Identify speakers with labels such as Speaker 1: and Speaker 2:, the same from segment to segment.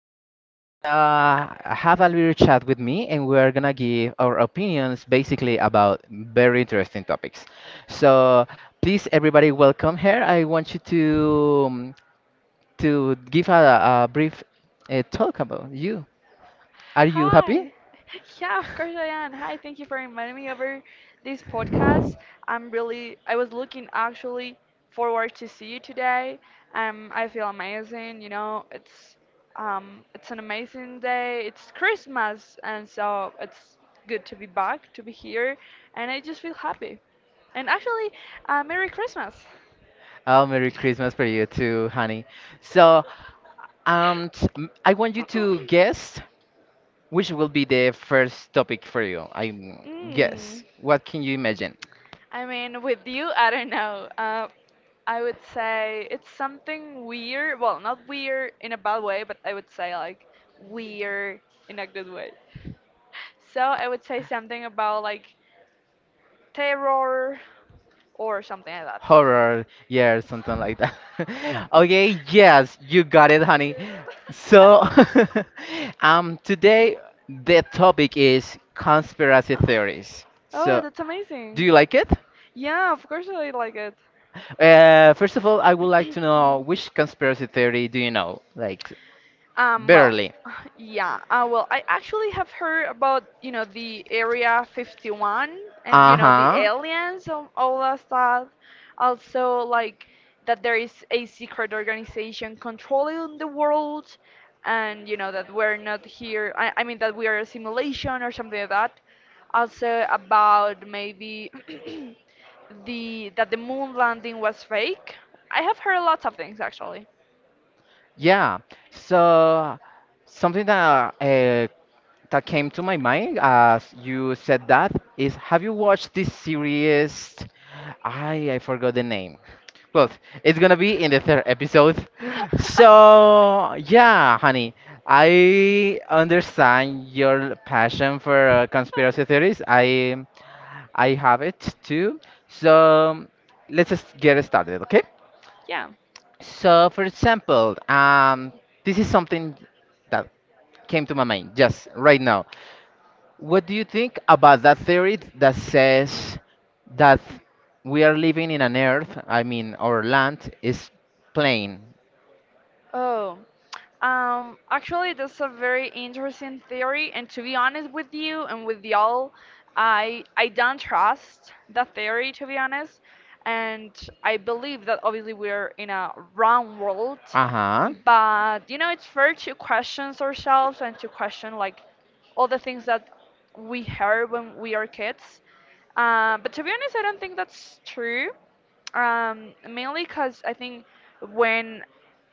Speaker 1: this guest is gonna have a little chat with me, and we're gonna give our opinions basically about very interesting topics. So, please, everybody, welcome here. I want you to give a brief talk about you. Are you happy?
Speaker 2: Hi. Yeah, of course I am. Hi, thank you for inviting me over this podcast. I was looking actually forward to see you today. I feel amazing. You know, it's an amazing day. It's Christmas, and so it's good to be back, to be here, and I just feel happy. And actually, Merry Christmas.
Speaker 1: Oh, Merry Christmas for you too, honey. So, I want you to guess which will be the first topic for you. I
Speaker 2: Mm.
Speaker 1: guess. What can you imagine?
Speaker 2: I mean, with you, I don't know. I would say it's something weird. Well, not weird in a bad way, but I would say like weird in a good way. So I would say something about like terror or something like that.
Speaker 1: Horror, yeah, something like that. Okay, yes, you got it, honey. So, today the topic is conspiracy theories.
Speaker 2: Oh,
Speaker 1: So,
Speaker 2: that's
Speaker 1: do
Speaker 2: amazing.
Speaker 1: you like it?
Speaker 2: Yeah, of course I like it.
Speaker 1: First of all, I would like to know which conspiracy theory do you know? Like,
Speaker 2: Um, well,
Speaker 1: barely.
Speaker 2: yeah. Well, I actually have heard about, you know, the Area 51 and, you know, the
Speaker 1: Uh-huh.
Speaker 2: aliens and all that stuff. Also, like, that there is a secret organization controlling the world and, you know, that we're not here. I mean, that we are a simulation or something like that. Also, about maybe the that the moon landing was fake. I have heard lots of things, actually.
Speaker 1: Yeah. So something that that came to my mind as you said that is, have you watched this series? I forgot the name. Well, it's gonna be in the third episode. So
Speaker 2: So,
Speaker 1: yeah, honey, I understand your passion for conspiracy theories. I have it too. So let's just get started, okay?
Speaker 2: yeah.
Speaker 1: So, for example, this is something that came to my mind just right now. What do you think about that theory that says that we are living in an earth, I mean, our land is plain?
Speaker 2: Oh. Actually, that's a very interesting theory, and to be honest with you and with y'all, I don't trust that theory to be honest, and I believe that obviously we're in a wrong world,
Speaker 1: Uh huh.
Speaker 2: but you know it's fair to question ourselves and to question like all the things that we heard when we are kids. But to be honest, I don't think that's true. Mainly because I think when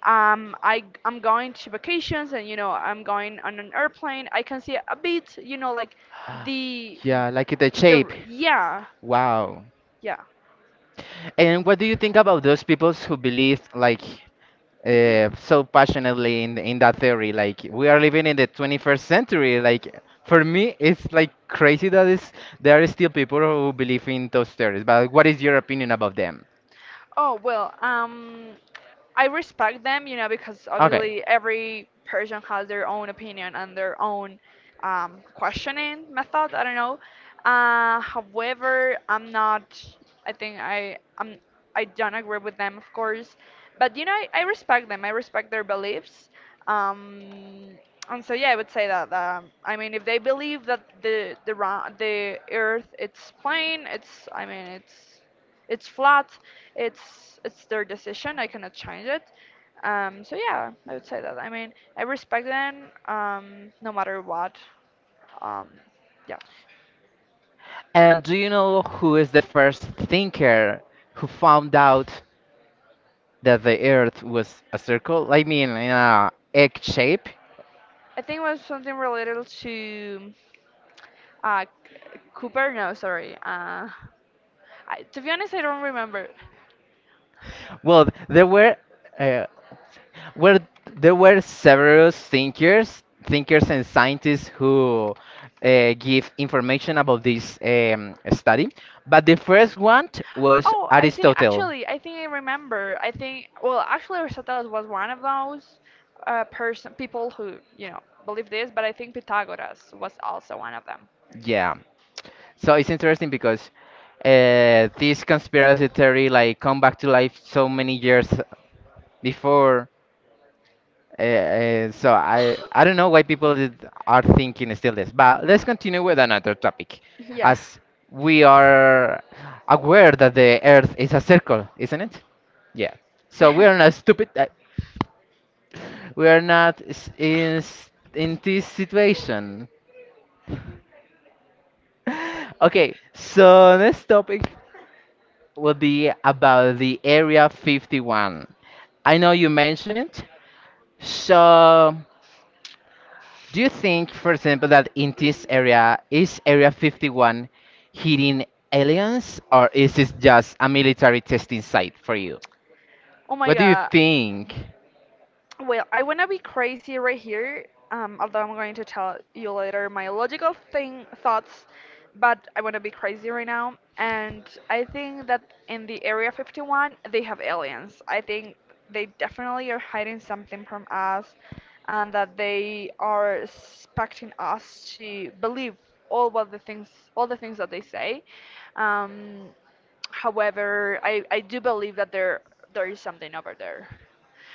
Speaker 2: I'm going to vacations and you know I'm going on an airplane, I can see a bit, you know, like the
Speaker 1: Yeah, like the
Speaker 2: the
Speaker 1: shape.
Speaker 2: yeah
Speaker 1: Wow.
Speaker 2: yeah.
Speaker 1: And what do you think about those people who believe like so passionately in that theory? Like we are living in the 21st century. Like for me, it's like crazy that is there are still people who believe in those theories. But what is your opinion about them?
Speaker 2: Oh well, I respect them, you know, because obviously every person has their own opinion and their own questioning method. I don't know. However, I'm not. I think I don't agree with them, of course, but you know, I respect them. I respect their beliefs. Um, and yeah, I would say that. I mean, if they believe that the Earth it's plane, it's I mean it's flat. It's their decision. I cannot change it. So yeah, I would say that. I mean, I respect them no matter what. Um, yeah,
Speaker 1: And do you know who is the first thinker who found out that the Earth was a circle? I mean, in a egg shape?
Speaker 2: I think it was something related to Cooper. No, sorry. To be honest, I don't remember.
Speaker 1: Well, there were uh, where there were several thinkers, thinkers and scientists who give information about this study, but the first one was Aristotle.
Speaker 2: I think I remember. Actually, Aristotle was one of those person people who you know believe this, but I think Pythagoras was also one of them.
Speaker 1: Yeah. So it's interesting because this conspiracy theory like come back to life so many years before. So I don't know why people are thinking still this, but let's continue with another topic,
Speaker 2: Yeah.
Speaker 1: as we are aware that the Earth is a circle, isn't it? Yeah. So we are not stupid. We are not s- in s- in this situation. Okay. So next topic will be about the Area 51. I know you mentioned it. So do you think, for example, that in this area is Area 51 hidden aliens, or is it just a military testing site for you?
Speaker 2: Oh my
Speaker 1: What do you
Speaker 2: god.
Speaker 1: think?
Speaker 2: Well, I wanna be crazy right here, although I'm going to tell you later my logical thing thoughts, but I wanna be crazy right now. And I think that in the Area 51 they have aliens. I think they definitely are hiding something from us, and that they are expecting us to believe all what the things, all the things that they say. Um, however, I do believe that there is something over there.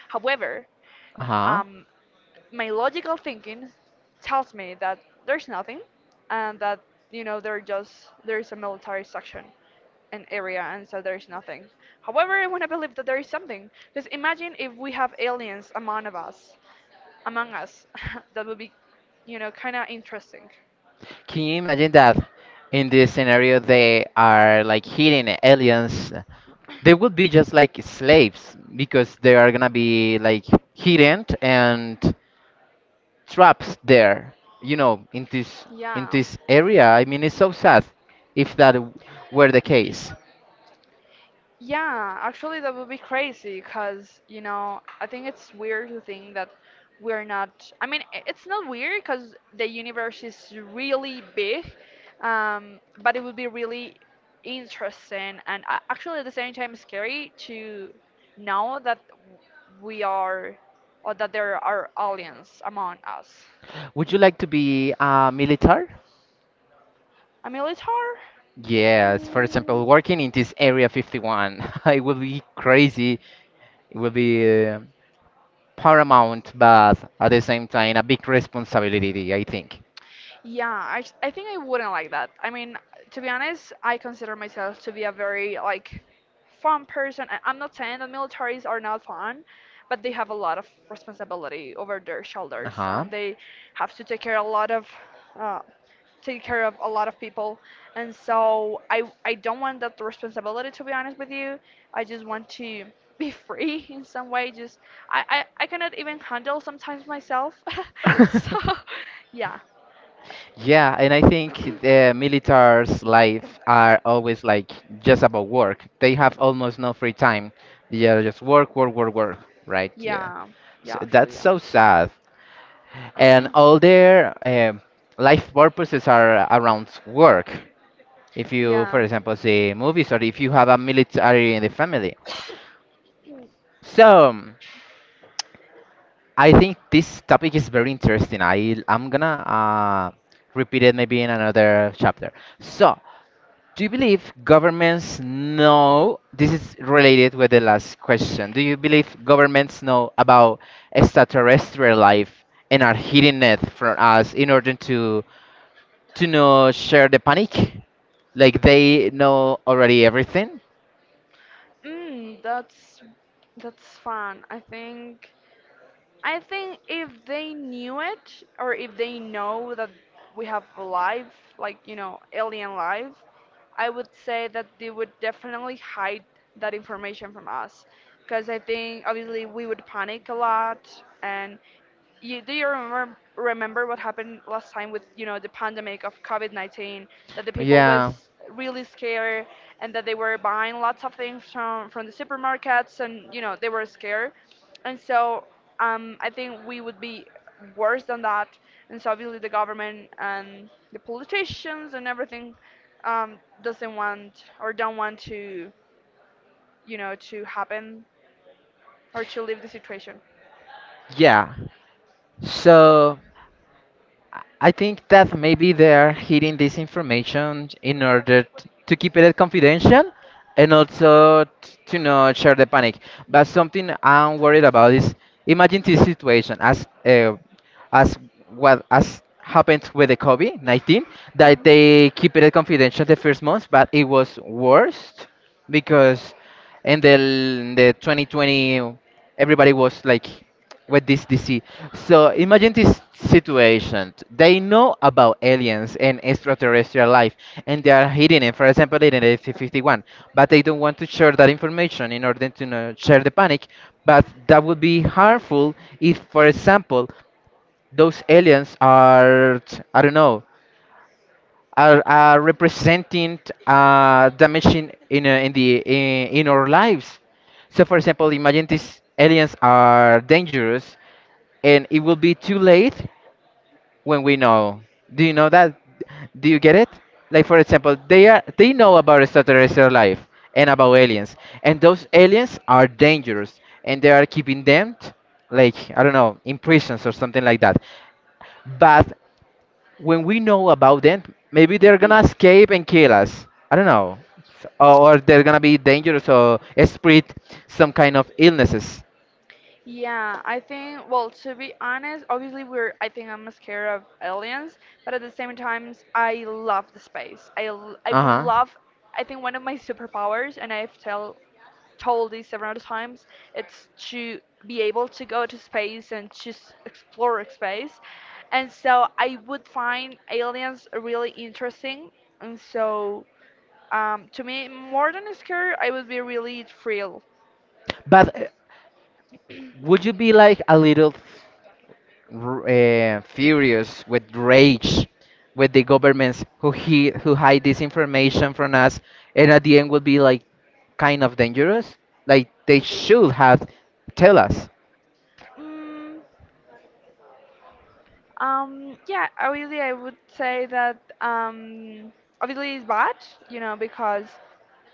Speaker 2: However,
Speaker 1: Uh huh.
Speaker 2: um, my logical thinking tells me that there's nothing and that you know they're just there's a military section an area and so there's nothing. However, I want to believe that there is something, because imagine if we have aliens among us that would be, you know, kind of interesting.
Speaker 1: Can you imagine that in this scenario they are like hidden aliens? They would be just like slaves because they are gonna be like hidden and trapped there. You know, in
Speaker 2: Yeah,
Speaker 1: this area. I mean, it's so sad if were the case.
Speaker 2: Yeah, actually, that would be crazy because, you know, I think it's weird to think that we're not. I mean, it's not weird because the universe is really big, but it would be really interesting and actually at the same time scary to know that w- we are, or that there are aliens among us.
Speaker 1: Would you like to be a militar?
Speaker 2: A militar?
Speaker 1: Yes, for
Speaker 2: Mm.
Speaker 1: example, working in this Area 51, it will be crazy, it will be paramount, but at the same time, a big responsibility, I think.
Speaker 2: I think I wouldn't like that. I mean, to be honest, I consider myself to be a very like fun person. I'm not saying that militaries are not fun, but they have a lot of responsibility over their shoulders,
Speaker 1: Uh
Speaker 2: and they have to take care a lot of uh, take care of a lot of people. And so I don't want that responsibility to be honest with you. I just want to be free in some way. I cannot even handle sometimes myself.
Speaker 1: huh.
Speaker 2: So yeah.
Speaker 1: Yeah, and I think the military's life are always like just about work. They have almost no free time. They are just work, work, work, work. Right? Yeah.
Speaker 2: Yeah,
Speaker 1: So
Speaker 2: yeah, actually,
Speaker 1: that's
Speaker 2: yeah.
Speaker 1: so sad. And all their life purposes are around work. If you, for
Speaker 2: Yeah.
Speaker 1: example, see movies or if you have a military in the family. So I think this topic is very interesting. I'm gonna repeat it maybe in another chapter. So do you believe governments know? This is related with the last question. Do you believe governments know about extraterrestrial life and are hiding it from us in order to know share the panic? Like they know already everything?
Speaker 2: Mm, that's fun. I think if they knew it or if they know that we have life, like, you know, alien life, I would say that they would definitely hide that information from us. Because I think obviously we would panic a lot. And you, do you remember what happened last time with, you know, the pandemic of COVID-19, that the people
Speaker 1: Yeah,
Speaker 2: was really scared and that they were buying lots of things from the supermarkets and, you know, they were scared and so I think we would be worse than that. And so obviously the government and the politicians and everything doesn't want or don't want to, you know, to happen or to leave the situation.
Speaker 1: yeah. So, I think that maybe they're hiding this information in order to keep it confidential and also to not share the panic. But something I'm worried about is imagine this situation as what as happened with the COVID-19, that they keep it confidential the first months, but it was worse because in the 2020 everybody was like with this DC. So imagine this situation. They know about aliens and extraterrestrial life, and they are hiding it. For example, in the 51, but they don't want to share that information in order to not share the panic. But that would be harmful if, for example, those aliens are, I don't know, are representing damaging in the in our lives. So, for example, imagine these aliens are dangerous, and it will be too late when we know. Do you know that? Do you get it? Like, for example, they are they know about extraterrestrial life and about aliens, and those aliens are dangerous, and they are keeping them, like I don't know, in prisons or something like that. But when we know about them, maybe they're gonna escape and kill us. I don't know. Or they're gonna be dangerous or spread some kind of illnesses.
Speaker 2: Yeah, I think. Well, to be honest, obviously we're. I think I'm scared of aliens, but at the same time, I love the space. I
Speaker 1: Uh
Speaker 2: will
Speaker 1: huh.
Speaker 2: love. I think one of my superpowers, and I've tell told this several times, it's to be able to go to space and just explore space. And so I would find aliens really interesting. And so to me, more than scared, I would be really thrilled.
Speaker 1: But would you be like a little furious with rage with the governments who he who hide this information from us and at the end will be like kind of dangerous, like they should have tell us.
Speaker 2: Mm, yeah, obviously, I would say that obviously it's bad, you know, because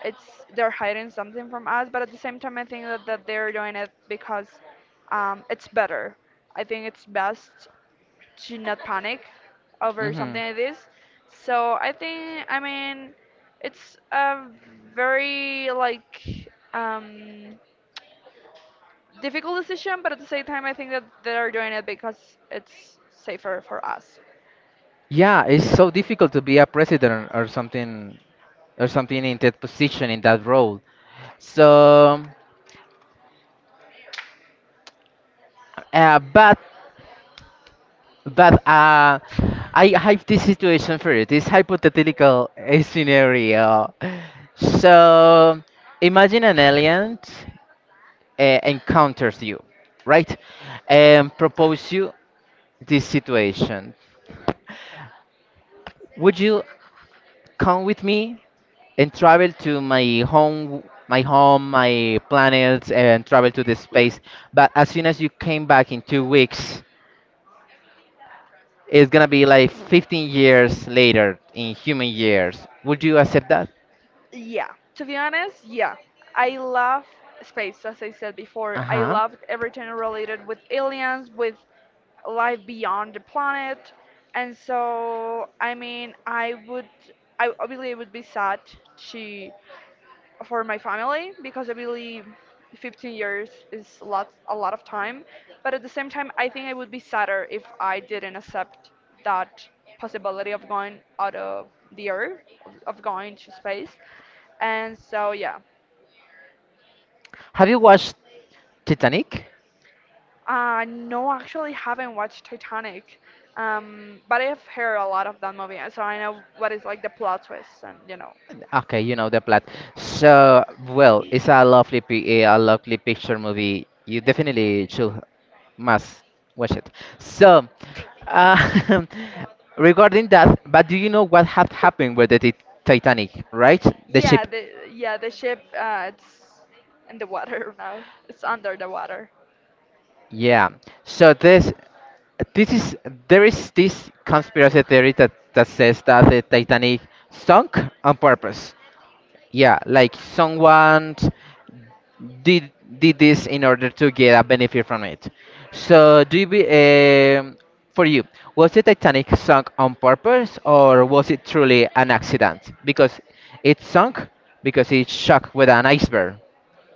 Speaker 2: it's they're hiding something from us, but at the same time I think that they're doing it because it's better. I think it's best to not panic over
Speaker 1: Hmm.
Speaker 2: something like this. So I think, I mean, it's a very like um, difficult decision, but at the same time I think that they're doing it because it's safer for us.
Speaker 1: Yeah, it's so difficult to be a president or something in that position in that role. So, uh, but but I have this situation for you, this hypothetical scenario. So, imagine an alien encounters you, right, and propose you this situation. Would you come with me and travel to my home, my home, my planets, and travel to the space, but as soon as you came back in 2 weeks it's gonna be like 15 years later in human years, would you accept that?
Speaker 2: Yeah, to be honest, yeah. I love space, as I said before. I
Speaker 1: Uh-huh.
Speaker 2: loved everything related with aliens, with life beyond the planet. And so, I believe it would be sad to, for my family because I believe 15 years is a lot of time. But at the same time, I think I would be sadder if I didn't accept that possibility of going out of the earth, of going to space. And so yeah,
Speaker 1: Have you watched Titanic?
Speaker 2: no, actually haven't watched Titanic, but I've heard a lot of that movie, and so I know what is like the plot twists and you know.
Speaker 1: Okay, you know the plot. So, well, it's a a lovely picture movie. You definitely should must watch it. So, uh, regarding that, but do you know what had happened with the Titanic, right? The ship.
Speaker 2: Yeah the ship it's in the water now. It's under the water.
Speaker 1: Yeah. So this is there is this conspiracy theory that says that the Titanic sunk on purpose. Yeah, like someone did did this in order to get a benefit from it. So, do you be um, for you? Was the Titanic sunk on purpose, or was it truly an accident? Because it sunk because it struck with an iceberg.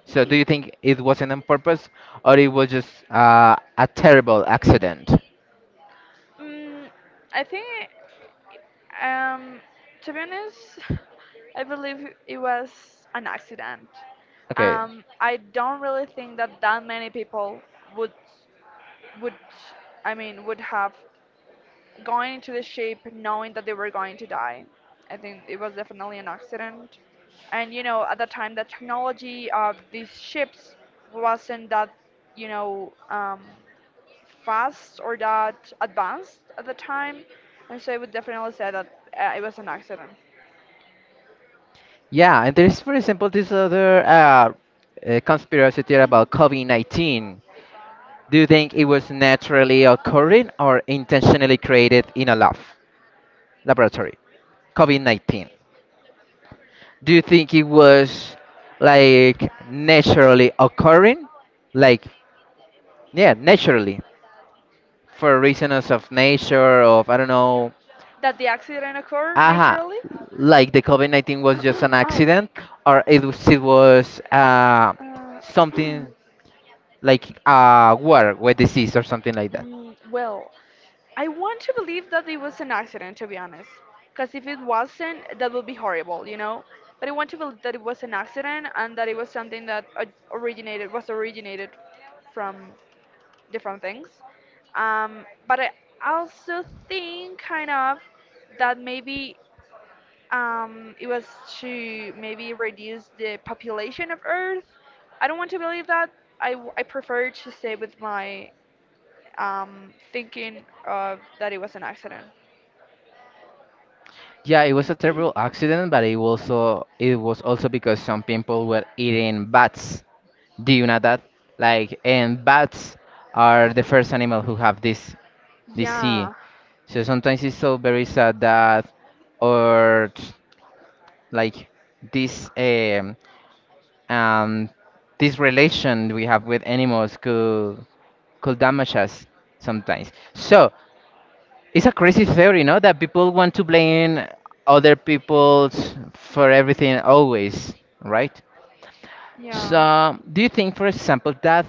Speaker 1: So, do you think it wasn't on purpose, or it was just a terrible accident?
Speaker 2: Mm, I think um, to be honest, I believe it was an accident.
Speaker 1: Okay.
Speaker 2: I don't really think that that many people would would I mean would have going into the ship knowing that they were going to die. I think it was definitely an accident. And you know, at the time, the technology of these ships wasn't that, you know, fast or that advanced at the time. And so I would definitely say that it was an accident.
Speaker 1: Yeah, and there is, for example, this other conspiracy theory about COVID-19. Do you think it was naturally occurring or intentionally created in a lab laboratory? COVID COVID-19. Do you think it was like naturally occurring? Like, yeah, naturally for reasons of nature, of I don't know,
Speaker 2: That the accident occurred
Speaker 1: aha,
Speaker 2: naturally?
Speaker 1: like the COVID COVID-19 was just an
Speaker 2: oh,
Speaker 1: accident or it was
Speaker 2: uh,
Speaker 1: something like a war with disease or something like that?
Speaker 2: Mm, well, I want to believe that it was an accident, to be honest. Because if it wasn't, that would be horrible, you know? But I want to believe that it was an accident and that it was something that originated from different things. But I also think, kind of, that maybe it was to maybe reduce the population of Earth. I don't want to believe that. I prefer to stay with my thinking of that it was an accident.
Speaker 1: Yeah, it was a terrible accident, but it also it was also because some people were eating bats. Do you know that? Like, and bats are the first animal who have this disease.
Speaker 2: Yeah,
Speaker 1: So sometimes it's so very sad that, or t- like this um this relation we have with animals could damage us sometimes. So it's a crazy theory, no? That people want to blame other people for everything always, right?
Speaker 2: yeah.
Speaker 1: So, do you think, for example, that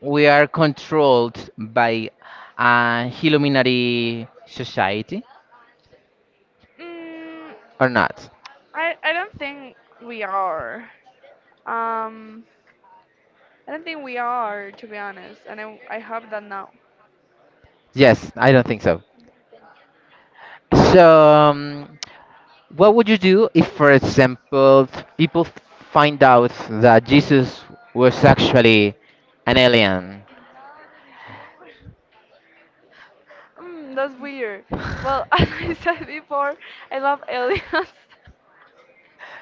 Speaker 1: we are controlled by a Illuminati society
Speaker 2: Mm,
Speaker 1: or not?
Speaker 2: I don't think we are. Um, I don't think we are, to be honest, and I hope that now.
Speaker 1: Yes, I don't think so. So, what would you do if, for example, people find out that Jesus was actually an alien?
Speaker 2: Mm, that's weird. Well, as I said before, I love aliens.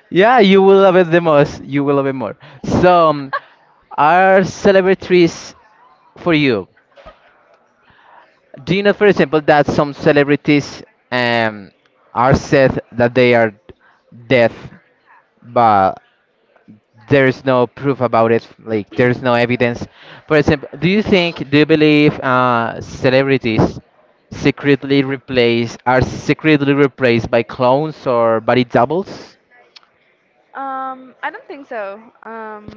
Speaker 1: Yeah, you will love it the most. You will love it more. So, are celebrities for you? Do you know, for example, that some celebrities um, are said that they are deaf, but there is no proof about it. Like there is no evidence. For example, do you think, do you believe celebrities secretly replaced are secretly replaced by clones or body doubles?
Speaker 2: I don't think so.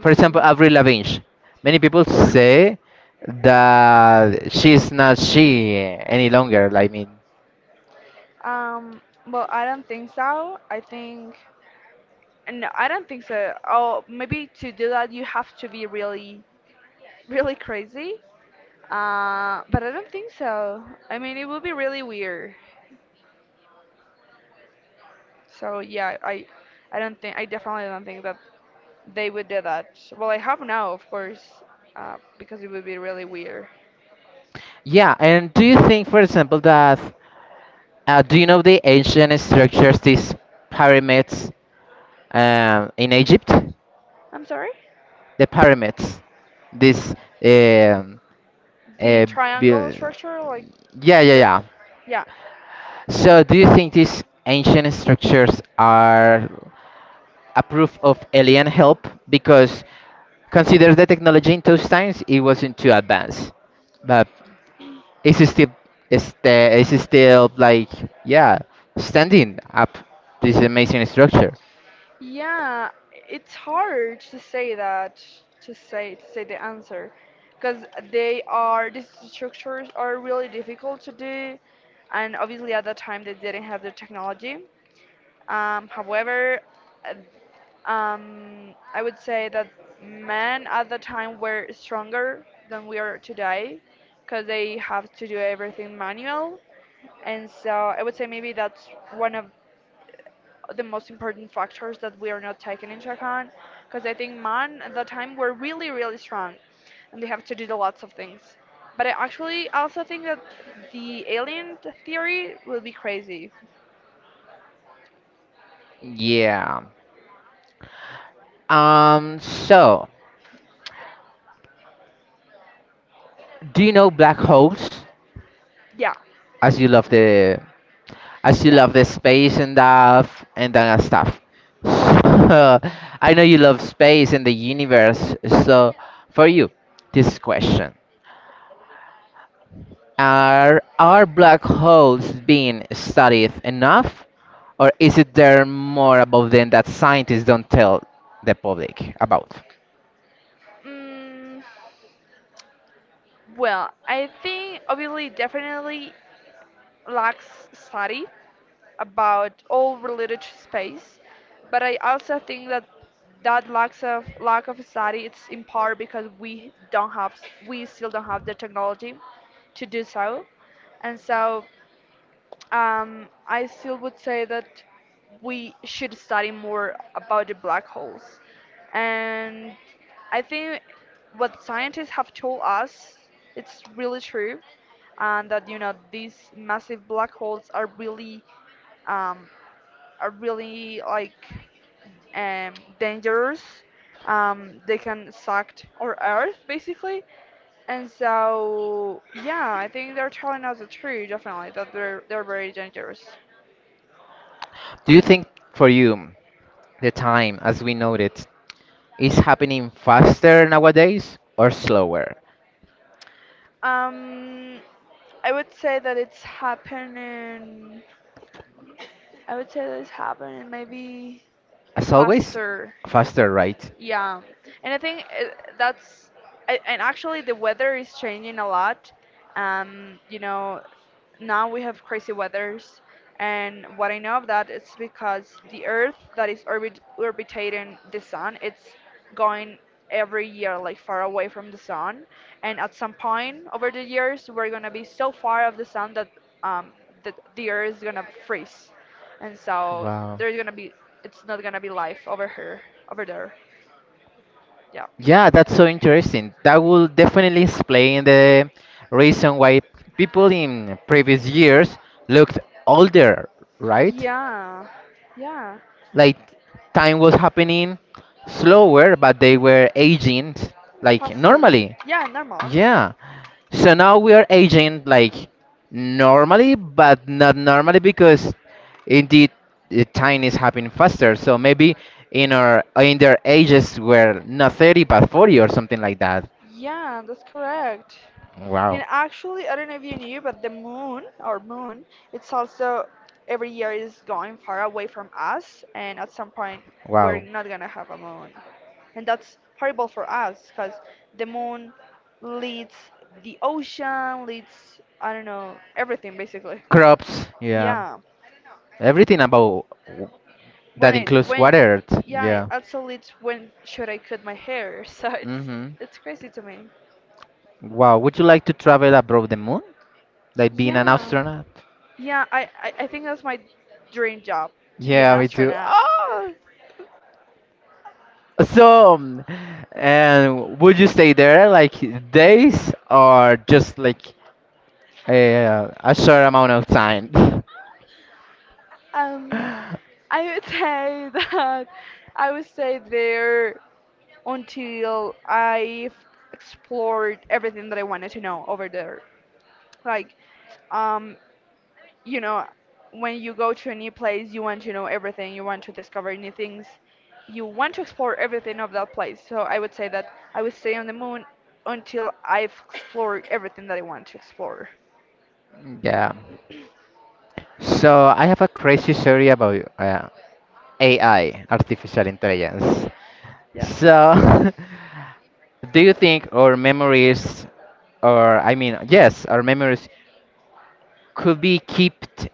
Speaker 1: For example, Avril Lavigne. Many people say that she's not any longer. I mean,
Speaker 2: um, well, I don't think so. I think No, I don't think so. Oh, maybe to do that you have to be really, really crazy. But I don't think so. I mean, it would be really weird. So yeah, I, I don't think. I Definitely don't think that they would do that. So, well, I have now, of course, because it would be really weird.
Speaker 1: yeah. And do you think, for example, that do you know the ancient structures, these pyramids in Egypt,
Speaker 2: I'm sorry.
Speaker 1: the pyramids, this um,
Speaker 2: The
Speaker 1: uh,
Speaker 2: triangle
Speaker 1: buil-
Speaker 2: structure, like
Speaker 1: yeah, yeah,
Speaker 2: the,
Speaker 1: yeah.
Speaker 2: yeah,
Speaker 1: So do you think these ancient structures are approve of alien help, because consider the technology in those times it wasn't too advanced, but it's still it's, the, it's still like yeah standing up this amazing structure.
Speaker 2: yeah. It's hard to say the answer, because they are these structures are really difficult to do, and obviously at that time they didn't have the technology. However, uh, I would say that men at the time were stronger than we are today because they have to do everything manual. And so I would say maybe that's one of the most important factors that we are not taking into account, because I think men at the time were really, really strong and they have to do the lots of things. But I actually also think that the alien theory will be crazy.
Speaker 1: Yeah. So, do you know black holes?
Speaker 2: Yeah,
Speaker 1: As you love the, as you
Speaker 2: yeah.
Speaker 1: love the space and stuff and that stuff. So, I know you love space and the universe. So, for you, this question: Are black holes being studied enough, or is it there more about them that scientists don't tell the public about?
Speaker 2: Mm, well, I think obviously definitely lacks study about all related to space, but I also think that lack of study, it's in part because we still don't have the technology to do so, and so I still would say that we should study more about the black holes. And I think what scientists have told us, it's really true, and that, you know, these massive black holes are really, um, are really, like, um, dangerous. They can suck our Earth basically, and so yeah, I think they're telling us the truth, definitely, that they're very dangerous.
Speaker 1: Do you think, for you, the time as we know it is happening faster nowadays or slower?
Speaker 2: Um, I would say that it's happening. I would say that it's happening maybe
Speaker 1: As always,
Speaker 2: faster.
Speaker 1: faster, right?
Speaker 2: Yeah, and I think that's and actually the weather is changing a lot. You know, now we have crazy weathers, and what I know of that is because the Earth that is orbitating the sun, it's going every year like far away from the sun, and at some point over the years we're gonna be so far of the sun that um that the Earth is gonna freeze, and so
Speaker 1: Wow.
Speaker 2: there's gonna be It's not gonna be life over there. Yeah.
Speaker 1: Yeah, that's so interesting. That will definitely explain the reason why people in previous years looked older, right?
Speaker 2: Yeah. Yeah.
Speaker 1: Like time was happening slower but they were aging like
Speaker 2: Faster.
Speaker 1: normally.
Speaker 2: Yeah, normal actually.
Speaker 1: Yeah, so now we are aging like normally but not normally because indeed the time is happening faster, so maybe in their ages were not 30 but 40 or something like that.
Speaker 2: Yeah, that's correct.
Speaker 1: Wow.
Speaker 2: And actually, I don't know if you knew, but the moon, our moon, it's also every year is going far away from us, and at some point we're
Speaker 1: Wow.
Speaker 2: not gonna have a moon. And that's horrible for us because the moon leads the ocean, leads, I don't know, everything basically.
Speaker 1: Crops, yeah.
Speaker 2: Yeah.
Speaker 1: Everything about
Speaker 2: when
Speaker 1: that
Speaker 2: it
Speaker 1: includes
Speaker 2: when
Speaker 1: water.
Speaker 2: yeah, it
Speaker 1: Yeah.
Speaker 2: also leads when should I cut my hair so
Speaker 1: Mm-hmm.
Speaker 2: it's crazy to me.
Speaker 1: Wow, would you like to travel above the moon, like being an
Speaker 2: Yeah.
Speaker 1: astronaut?
Speaker 2: Yeah, I think that's my dream job, to be an
Speaker 1: Yeah, me too.
Speaker 2: astronaut.
Speaker 1: Ah! So, and would you stay there like days or just like a short amount of time?
Speaker 2: um I would say that I would stay there until I've explored everything that I wanted to know over there, like, um you know, when you go to a new place, you want to know everything, you want to discover new things, you want to explore everything of that place. So I would say that I would stay on the moon until I've explored everything that I want to explore.
Speaker 1: Yeah. So I have a crazy story about AI, artificial intelligence.
Speaker 2: Yeah.
Speaker 1: So, do you think our memories, or yes, our memories could be kept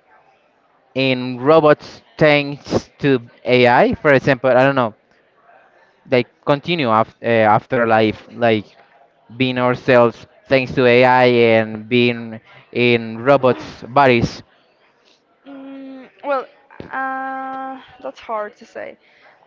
Speaker 1: in robots thanks to AI. For example, I don't know, like continue afterlife, like being ourselves thanks to AI and being in robots' bodies?
Speaker 2: Well, that's hard to say,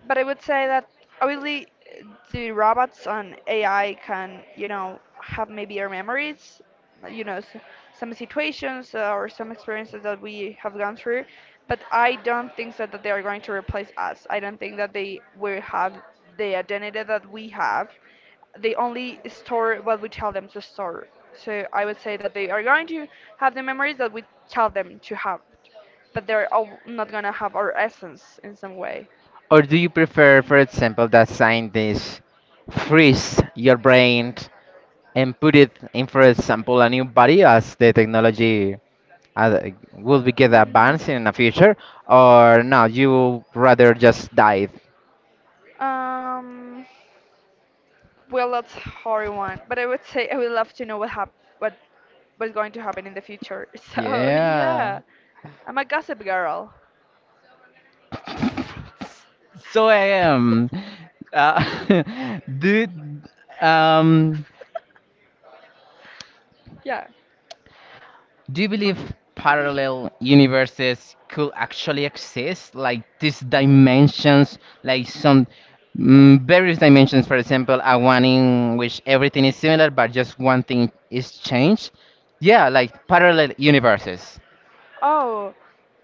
Speaker 2: but I would say that obviously the robots and AI can, you know, have maybe our memories, you know, s some situations or some experiences that we have gone through, but I don't think so that they are going to replace us. I don't think that they will have the identity that we have. They only store what we tell them to store. So I would say that they are going to have the memories that we tell them to have, but they're all not gonna have our essence in some way.
Speaker 1: Or do you prefer, for example, that scientists freeze your brain and put it in, for example, a new body as the technology uh, will be get advanced in the future? Or no, you rather just die?
Speaker 2: Um, well, that's a hard one, but I would say I would love to know what what's going to happen in the future. So
Speaker 1: Yeah.
Speaker 2: yeah, I'm a gossip girl.
Speaker 1: So I am. Uh, do um
Speaker 2: Yeah.
Speaker 1: do you believe parallel universes could actually exist? Like these dimensions, like some various dimensions. For example, a one in which everything is similar, but just one thing is changed. Yeah, like parallel universes.
Speaker 2: Oh,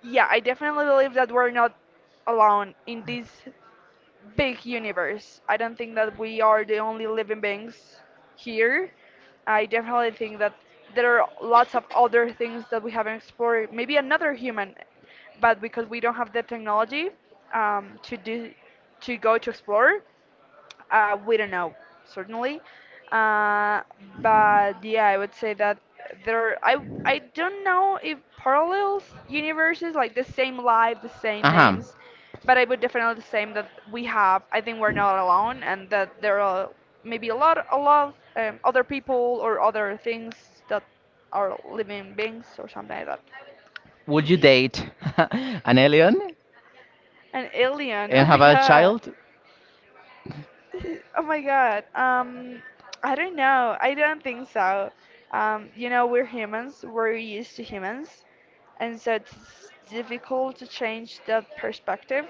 Speaker 2: yeah. I definitely believe that we're not alone in this big universe. I don't think that we are the only living beings here. I definitely think that there are lots of other things that we haven't explored. Maybe another human, but because we don't have the technology um, to do to go to explore, we don't know, certainly. Uh, but yeah, I would say that there. I don't know if parallels universes, like the same life, the same
Speaker 1: Uh-huh.
Speaker 2: names, but I would definitely say that we have. I think we're not alone, and that there are maybe a lot of other people or other things that are living beings or something like that.
Speaker 1: Would you date an alien
Speaker 2: An alien.
Speaker 1: and
Speaker 2: Oh
Speaker 1: have a
Speaker 2: my
Speaker 1: child?
Speaker 2: Oh my God. I don't know. I don't think so. You know, we're humans. We're used to humans, and so it's difficult to change that perspective.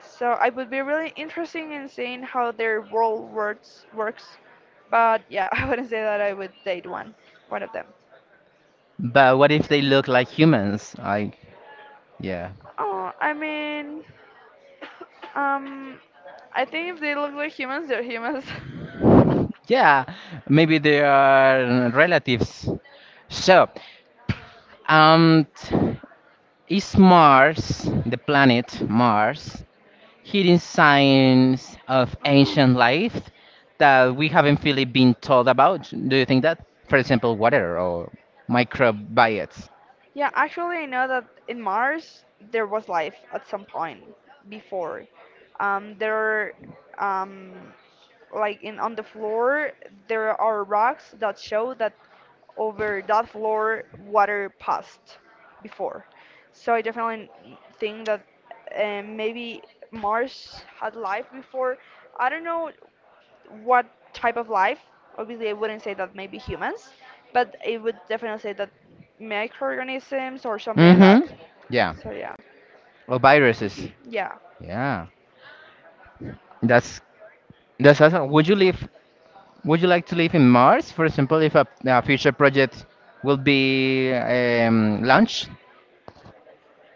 Speaker 2: So I would be really interesting in seeing how their world works. But yeah, I wouldn't say that I would date one of them.
Speaker 1: But what if they look like humans? Like, yeah.
Speaker 2: Oh, I mean, um, I think if they look like humans, they're humans.
Speaker 1: Yeah, maybe they are relatives. So, um, t- is Mars, the planet Mars, hidden signs of ancient life that we haven't really been told about? Do you think that? For example, water or microbiotes.
Speaker 2: Yeah, actually, I know that in Mars there was life at some point before. Um, there, um, like in on the floor, there are rocks that show that over that floor water passed before. So I definitely think that maybe Mars had life before. I don't know what type of life. Obviously, I wouldn't say that maybe humans, but I would definitely say that microorganisms or something like that.
Speaker 1: Mm-hmm. Yeah.
Speaker 2: So yeah,
Speaker 1: Or viruses.
Speaker 2: yeah.
Speaker 1: Yeah. That's that's awesome. Would you like to live in Mars, for example, if a future project will be launched?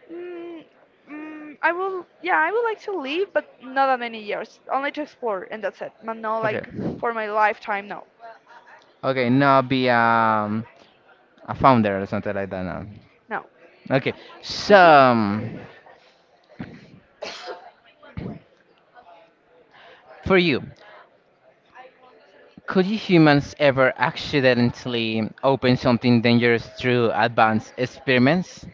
Speaker 2: Mm, I will, yeah, I would like to live, but not that many years. Only to explore, and that's it. But no, like
Speaker 1: Okay.
Speaker 2: for my lifetime, no,
Speaker 1: Okay, now be a founder or something like that now.
Speaker 2: no.
Speaker 1: Okay, so for you, could you humans ever accidentally open something dangerous through advanced experiments?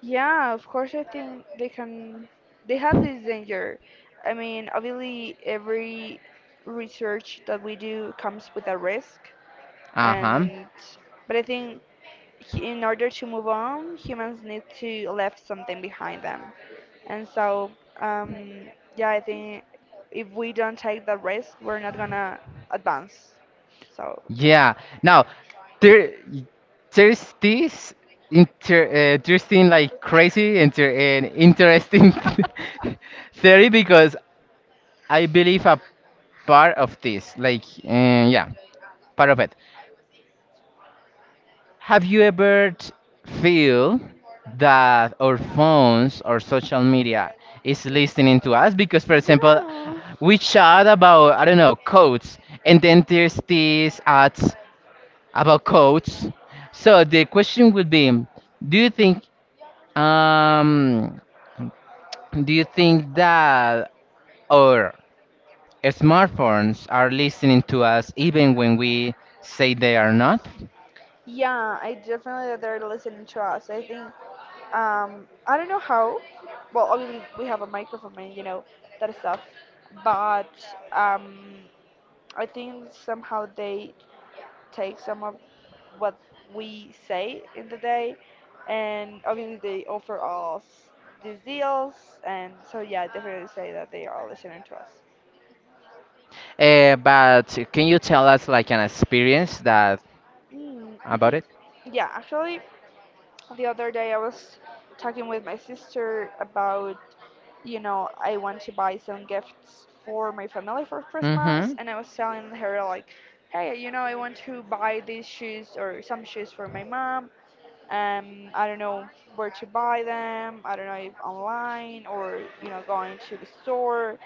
Speaker 2: Yeah, of course, I think they can. They have this danger. I mean, obviously, every research that we do comes with a risk,
Speaker 1: Uh huh.
Speaker 2: and but I think in order to move on, humans need to leave something behind them. And so, um, yeah, I think if we don't take the risk, we're not gonna advance. So,
Speaker 1: Yeah. Now, there there's this interesting like crazy interesting theory because I believe a part of this like part of it. Have you ever feel that our phones or social media is listening to us? Because, for example,
Speaker 2: yeah,
Speaker 1: we chat about, I don't know, codes, and then there's these ads about codes. So the question would be, do you think um do you think that our smartphones are listening to us even when we say they are not?
Speaker 2: yeah, I definitely that they're listening to us. I think, I don't know how. Well, obviously we have a microphone and, you know, that stuff, but um, I think somehow they take some of what we say in the day, and obviously they offer us these deals, and so yeah, I definitely say that they are listening to us.
Speaker 1: But can you tell us like an experience that
Speaker 2: Mm.
Speaker 1: about it?
Speaker 2: Yeah, actually, the other day I was talking with my sister about, you know, I want to buy some gifts for my family for Christmas,
Speaker 1: Mm-hmm.
Speaker 2: and I was telling her, like, hey, you know, I want to buy these shoes or some shoes for my mom. I don't know where to buy them. I don't know if online or, you know, going to the store.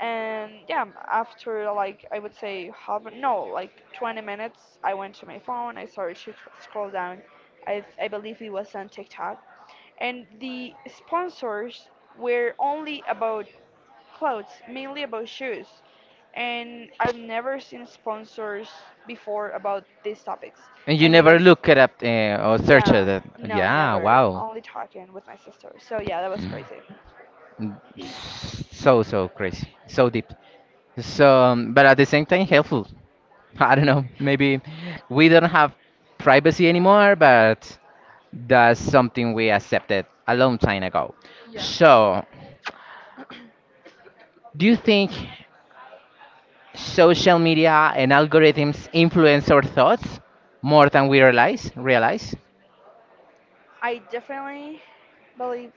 Speaker 2: And yeah, after like I would say half, no, like 20 minutes, I went to my phone. I started to scroll down. I believe it was on TikTok, and the sponsors were only about clothes, mainly about shoes. And I've never seen sponsors before about these topics.
Speaker 1: And you
Speaker 2: And it
Speaker 1: never
Speaker 2: was,
Speaker 1: look it up, or search
Speaker 2: yeah,
Speaker 1: it.
Speaker 2: no,
Speaker 1: Yeah,
Speaker 2: never.
Speaker 1: wow.
Speaker 2: Only talking with my sister. So yeah, that was crazy.
Speaker 1: Mm. So so crazy, so deep. So, but at the same time helpful. I don't know. Maybe we don't have privacy anymore, but that's something we accepted a long time ago.
Speaker 2: Yeah.
Speaker 1: So, do you think social media and algorithms influence our thoughts more than we realize? Realize?
Speaker 2: I definitely believe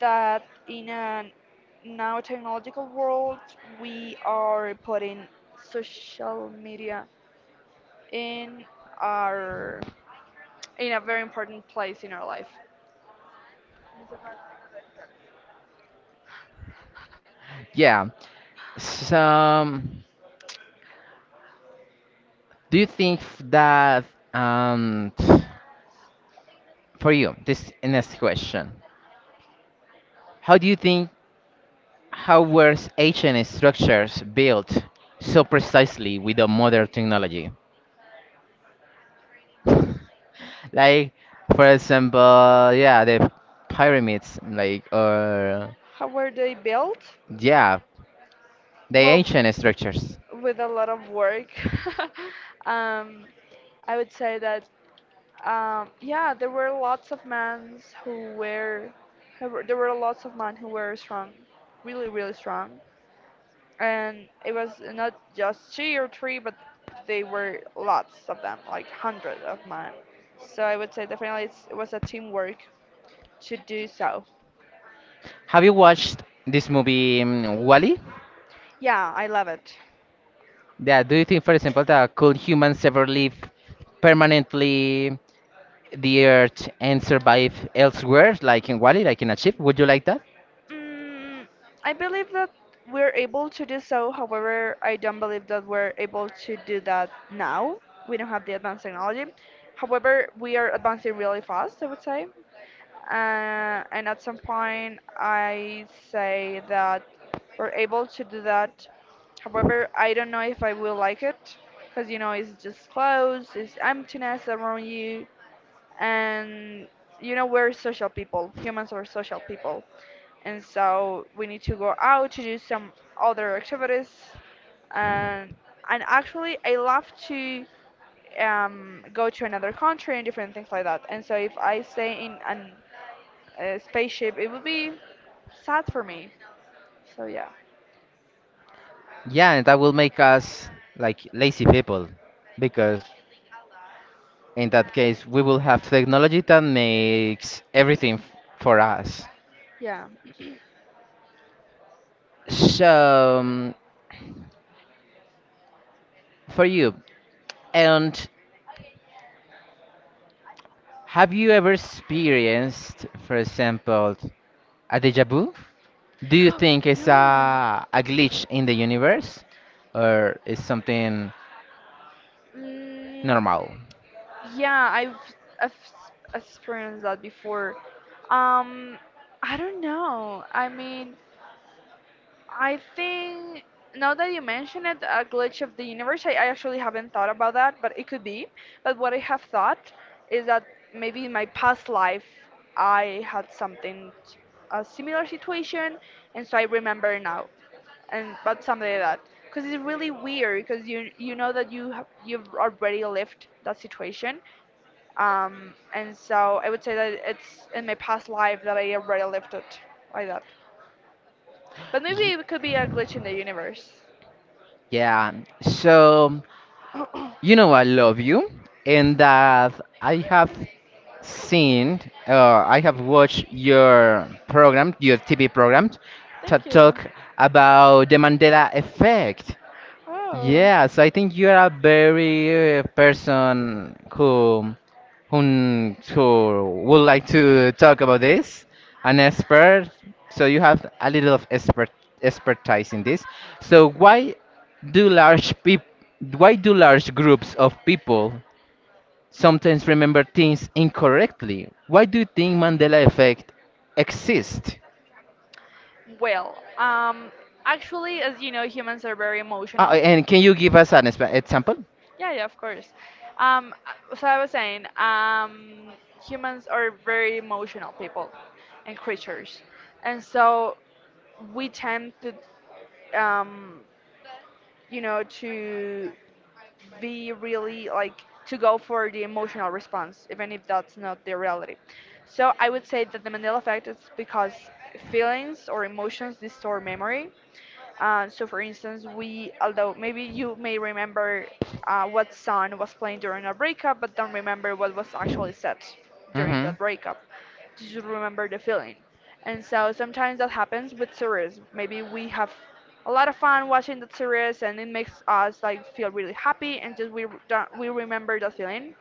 Speaker 2: that in a now technological world, we are putting social media in our in a very important place in our life.
Speaker 1: Yeah. So, do you think f- that um, for you this next question? How do you think how were ancient structures built so precisely with the modern technology? Like, for example, yeah, the pyramids, like, or,
Speaker 2: How were they built?
Speaker 1: yeah, the
Speaker 2: Well,
Speaker 1: ancient structures.
Speaker 2: with a lot of work. um, I would say that yeah, there were lots of men who were there were lots of men who were strong, really really strong, and it was not just two or three, but they were lots of them, like hundreds of men. So I would say definitely it's, it was a teamwork to do so.
Speaker 1: Have you watched this movie, wall?
Speaker 2: Yeah, I love it.
Speaker 1: Yeah, do you think, for example, that could humans ever live permanently the Earth and survive elsewhere, like in wall, like in a ship? Would you like that?
Speaker 2: Mm, I believe that we're able to do so. However, I don't believe that we're able to do that now. We don't have the advanced technology. However, we are advancing really fast, I would say. And at some point, I say that we're able to do that. However, I don't know if I will like it because, you know, it's just clothes, it's emptiness around you, and you know we're social people. Humans are social people, and so we need to go out to do some other activities, and actually I love to go to another country and different things like that, and so if I stay in an a spaceship it would be sad for me, so yeah,
Speaker 1: Yeah, and that will make us like lazy people, because in that case, we will have technology that makes everything for us.
Speaker 2: yeah.
Speaker 1: So, for you, and have you ever experienced, for example, a deja vu? Do you think it's
Speaker 2: Yeah.
Speaker 1: a glitch in the universe or is something
Speaker 2: mm,
Speaker 1: normal?
Speaker 2: yeah, I've experienced that before. um I don't know, I mean, I think now that you mention it, a glitch of the universe, I actually haven't thought about that, but it could be. But what I have thought is that maybe in my past life I had something a similar situation, and so I remember now, and but something like that. Because it's really weird, because you know that you've already lived that situation, and so I would say that it's in my past life that I already lived it like that. But maybe
Speaker 1: Y-
Speaker 2: it could be a glitch in the universe.
Speaker 1: yeah, so you know I love you, and that I have seen, I have watched your program, your TV program, to
Speaker 2: Thank you.
Speaker 1: talk about the Mandela effect.
Speaker 2: Oh.
Speaker 1: Yeah, so I think you are a very person who who would like to talk about this, an expert. So you have a little of expertise in this. So why do large peop why do large groups of people sometimes remember things incorrectly? Why do you think Mandela effect exists?
Speaker 2: Well, actually, as you know, humans are very emotional.
Speaker 1: And can you give us an exp example?
Speaker 2: Yeah, yeah, of course. Um, so I was saying, humans are very emotional people and creatures, and so we tend to, um, you know, to be really like to go for the emotional response, even if that's not the reality. So I would say that the Mandela effect is because feelings or emotions distort memory. So, for instance, we, although maybe you may remember what song was playing during a breakup, but don't remember what was actually said during
Speaker 1: Hmm.
Speaker 2: that breakup, you should remember the feeling. And so sometimes that happens with series. Maybe we have a lot of fun watching that series and it makes us like feel really happy, and just we don't we remember that feeling.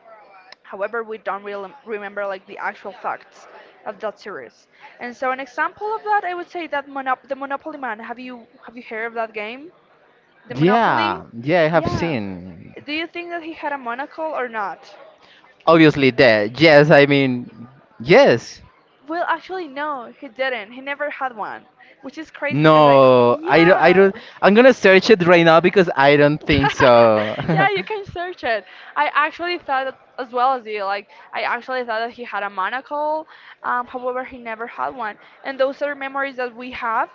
Speaker 2: However, we don't really remember like the actual facts of that series. And so an example of that, I would say that the Monopoly Man. Have you heard of that game? The Monopoly?
Speaker 1: Yeah, yeah, I have
Speaker 2: Yeah.
Speaker 1: seen.
Speaker 2: Do you think that he had a monocle or not?
Speaker 1: Obviously dead. Yes, I mean, yes.
Speaker 2: Well, actually, no, he didn't. He never had one, which is crazy because I,
Speaker 1: No, I
Speaker 2: yeah.
Speaker 1: don't. I'm gonna search it right now because I don't think so.
Speaker 2: Yeah, you can search it. I actually thought that as well as you. Like, I actually thought that he had a monocle. However, he never had one. And those are memories that we have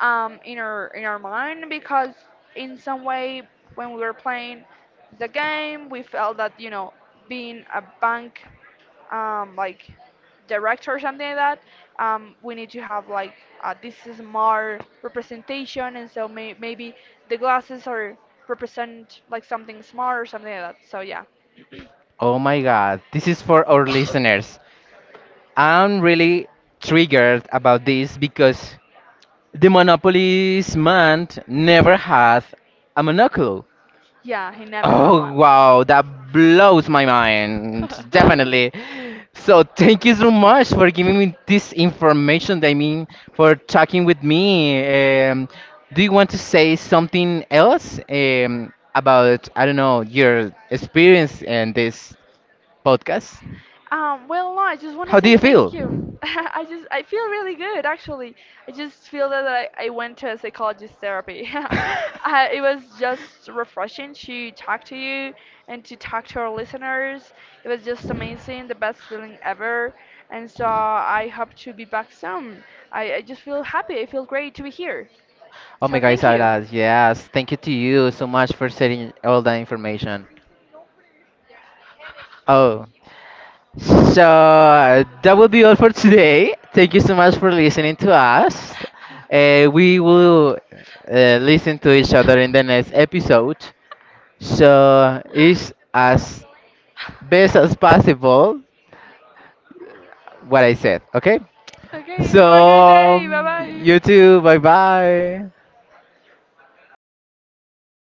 Speaker 2: in our mind because in some way when we were playing the game, we felt that, you know, being a bank like director or something like that, we need to have like this is more representation, and so maybe the glasses are represent like something smart or something like that. So yeah,
Speaker 1: Oh my god, this is for our listeners. I'm really triggered about this because the Monopoly's man never had a monocle.
Speaker 2: yeah, he never had one.
Speaker 1: Oh wow, that blows my mind. Definitely. So thank you so much for giving me this information. I mean, for talking with me. Do you want to say something else, about, I don't know, your experience in this podcast?
Speaker 2: Well, no, I just want to
Speaker 1: How do
Speaker 2: say
Speaker 1: you
Speaker 2: thank
Speaker 1: feel?
Speaker 2: you. I just I feel really good actually. I just feel that I went to a psychologist therapy. I, it was just refreshing to talk to you and to talk to our listeners. It was just amazing, the best feeling ever. And so I hope to be back soon. I just feel happy. I feel great to be here.
Speaker 1: Oh my
Speaker 2: So
Speaker 1: God,
Speaker 2: thank you.
Speaker 1: Isabella, yes. Thank you to you so much for sharing all that information. Oh. So that will be all for today. Thank you so much for listening to us. We will, listen to each other in the next episode. So it's as best as possible what I said. Okay.
Speaker 2: Okay,
Speaker 1: So
Speaker 2: have a great day. Bye bye.
Speaker 1: you too. Bye bye.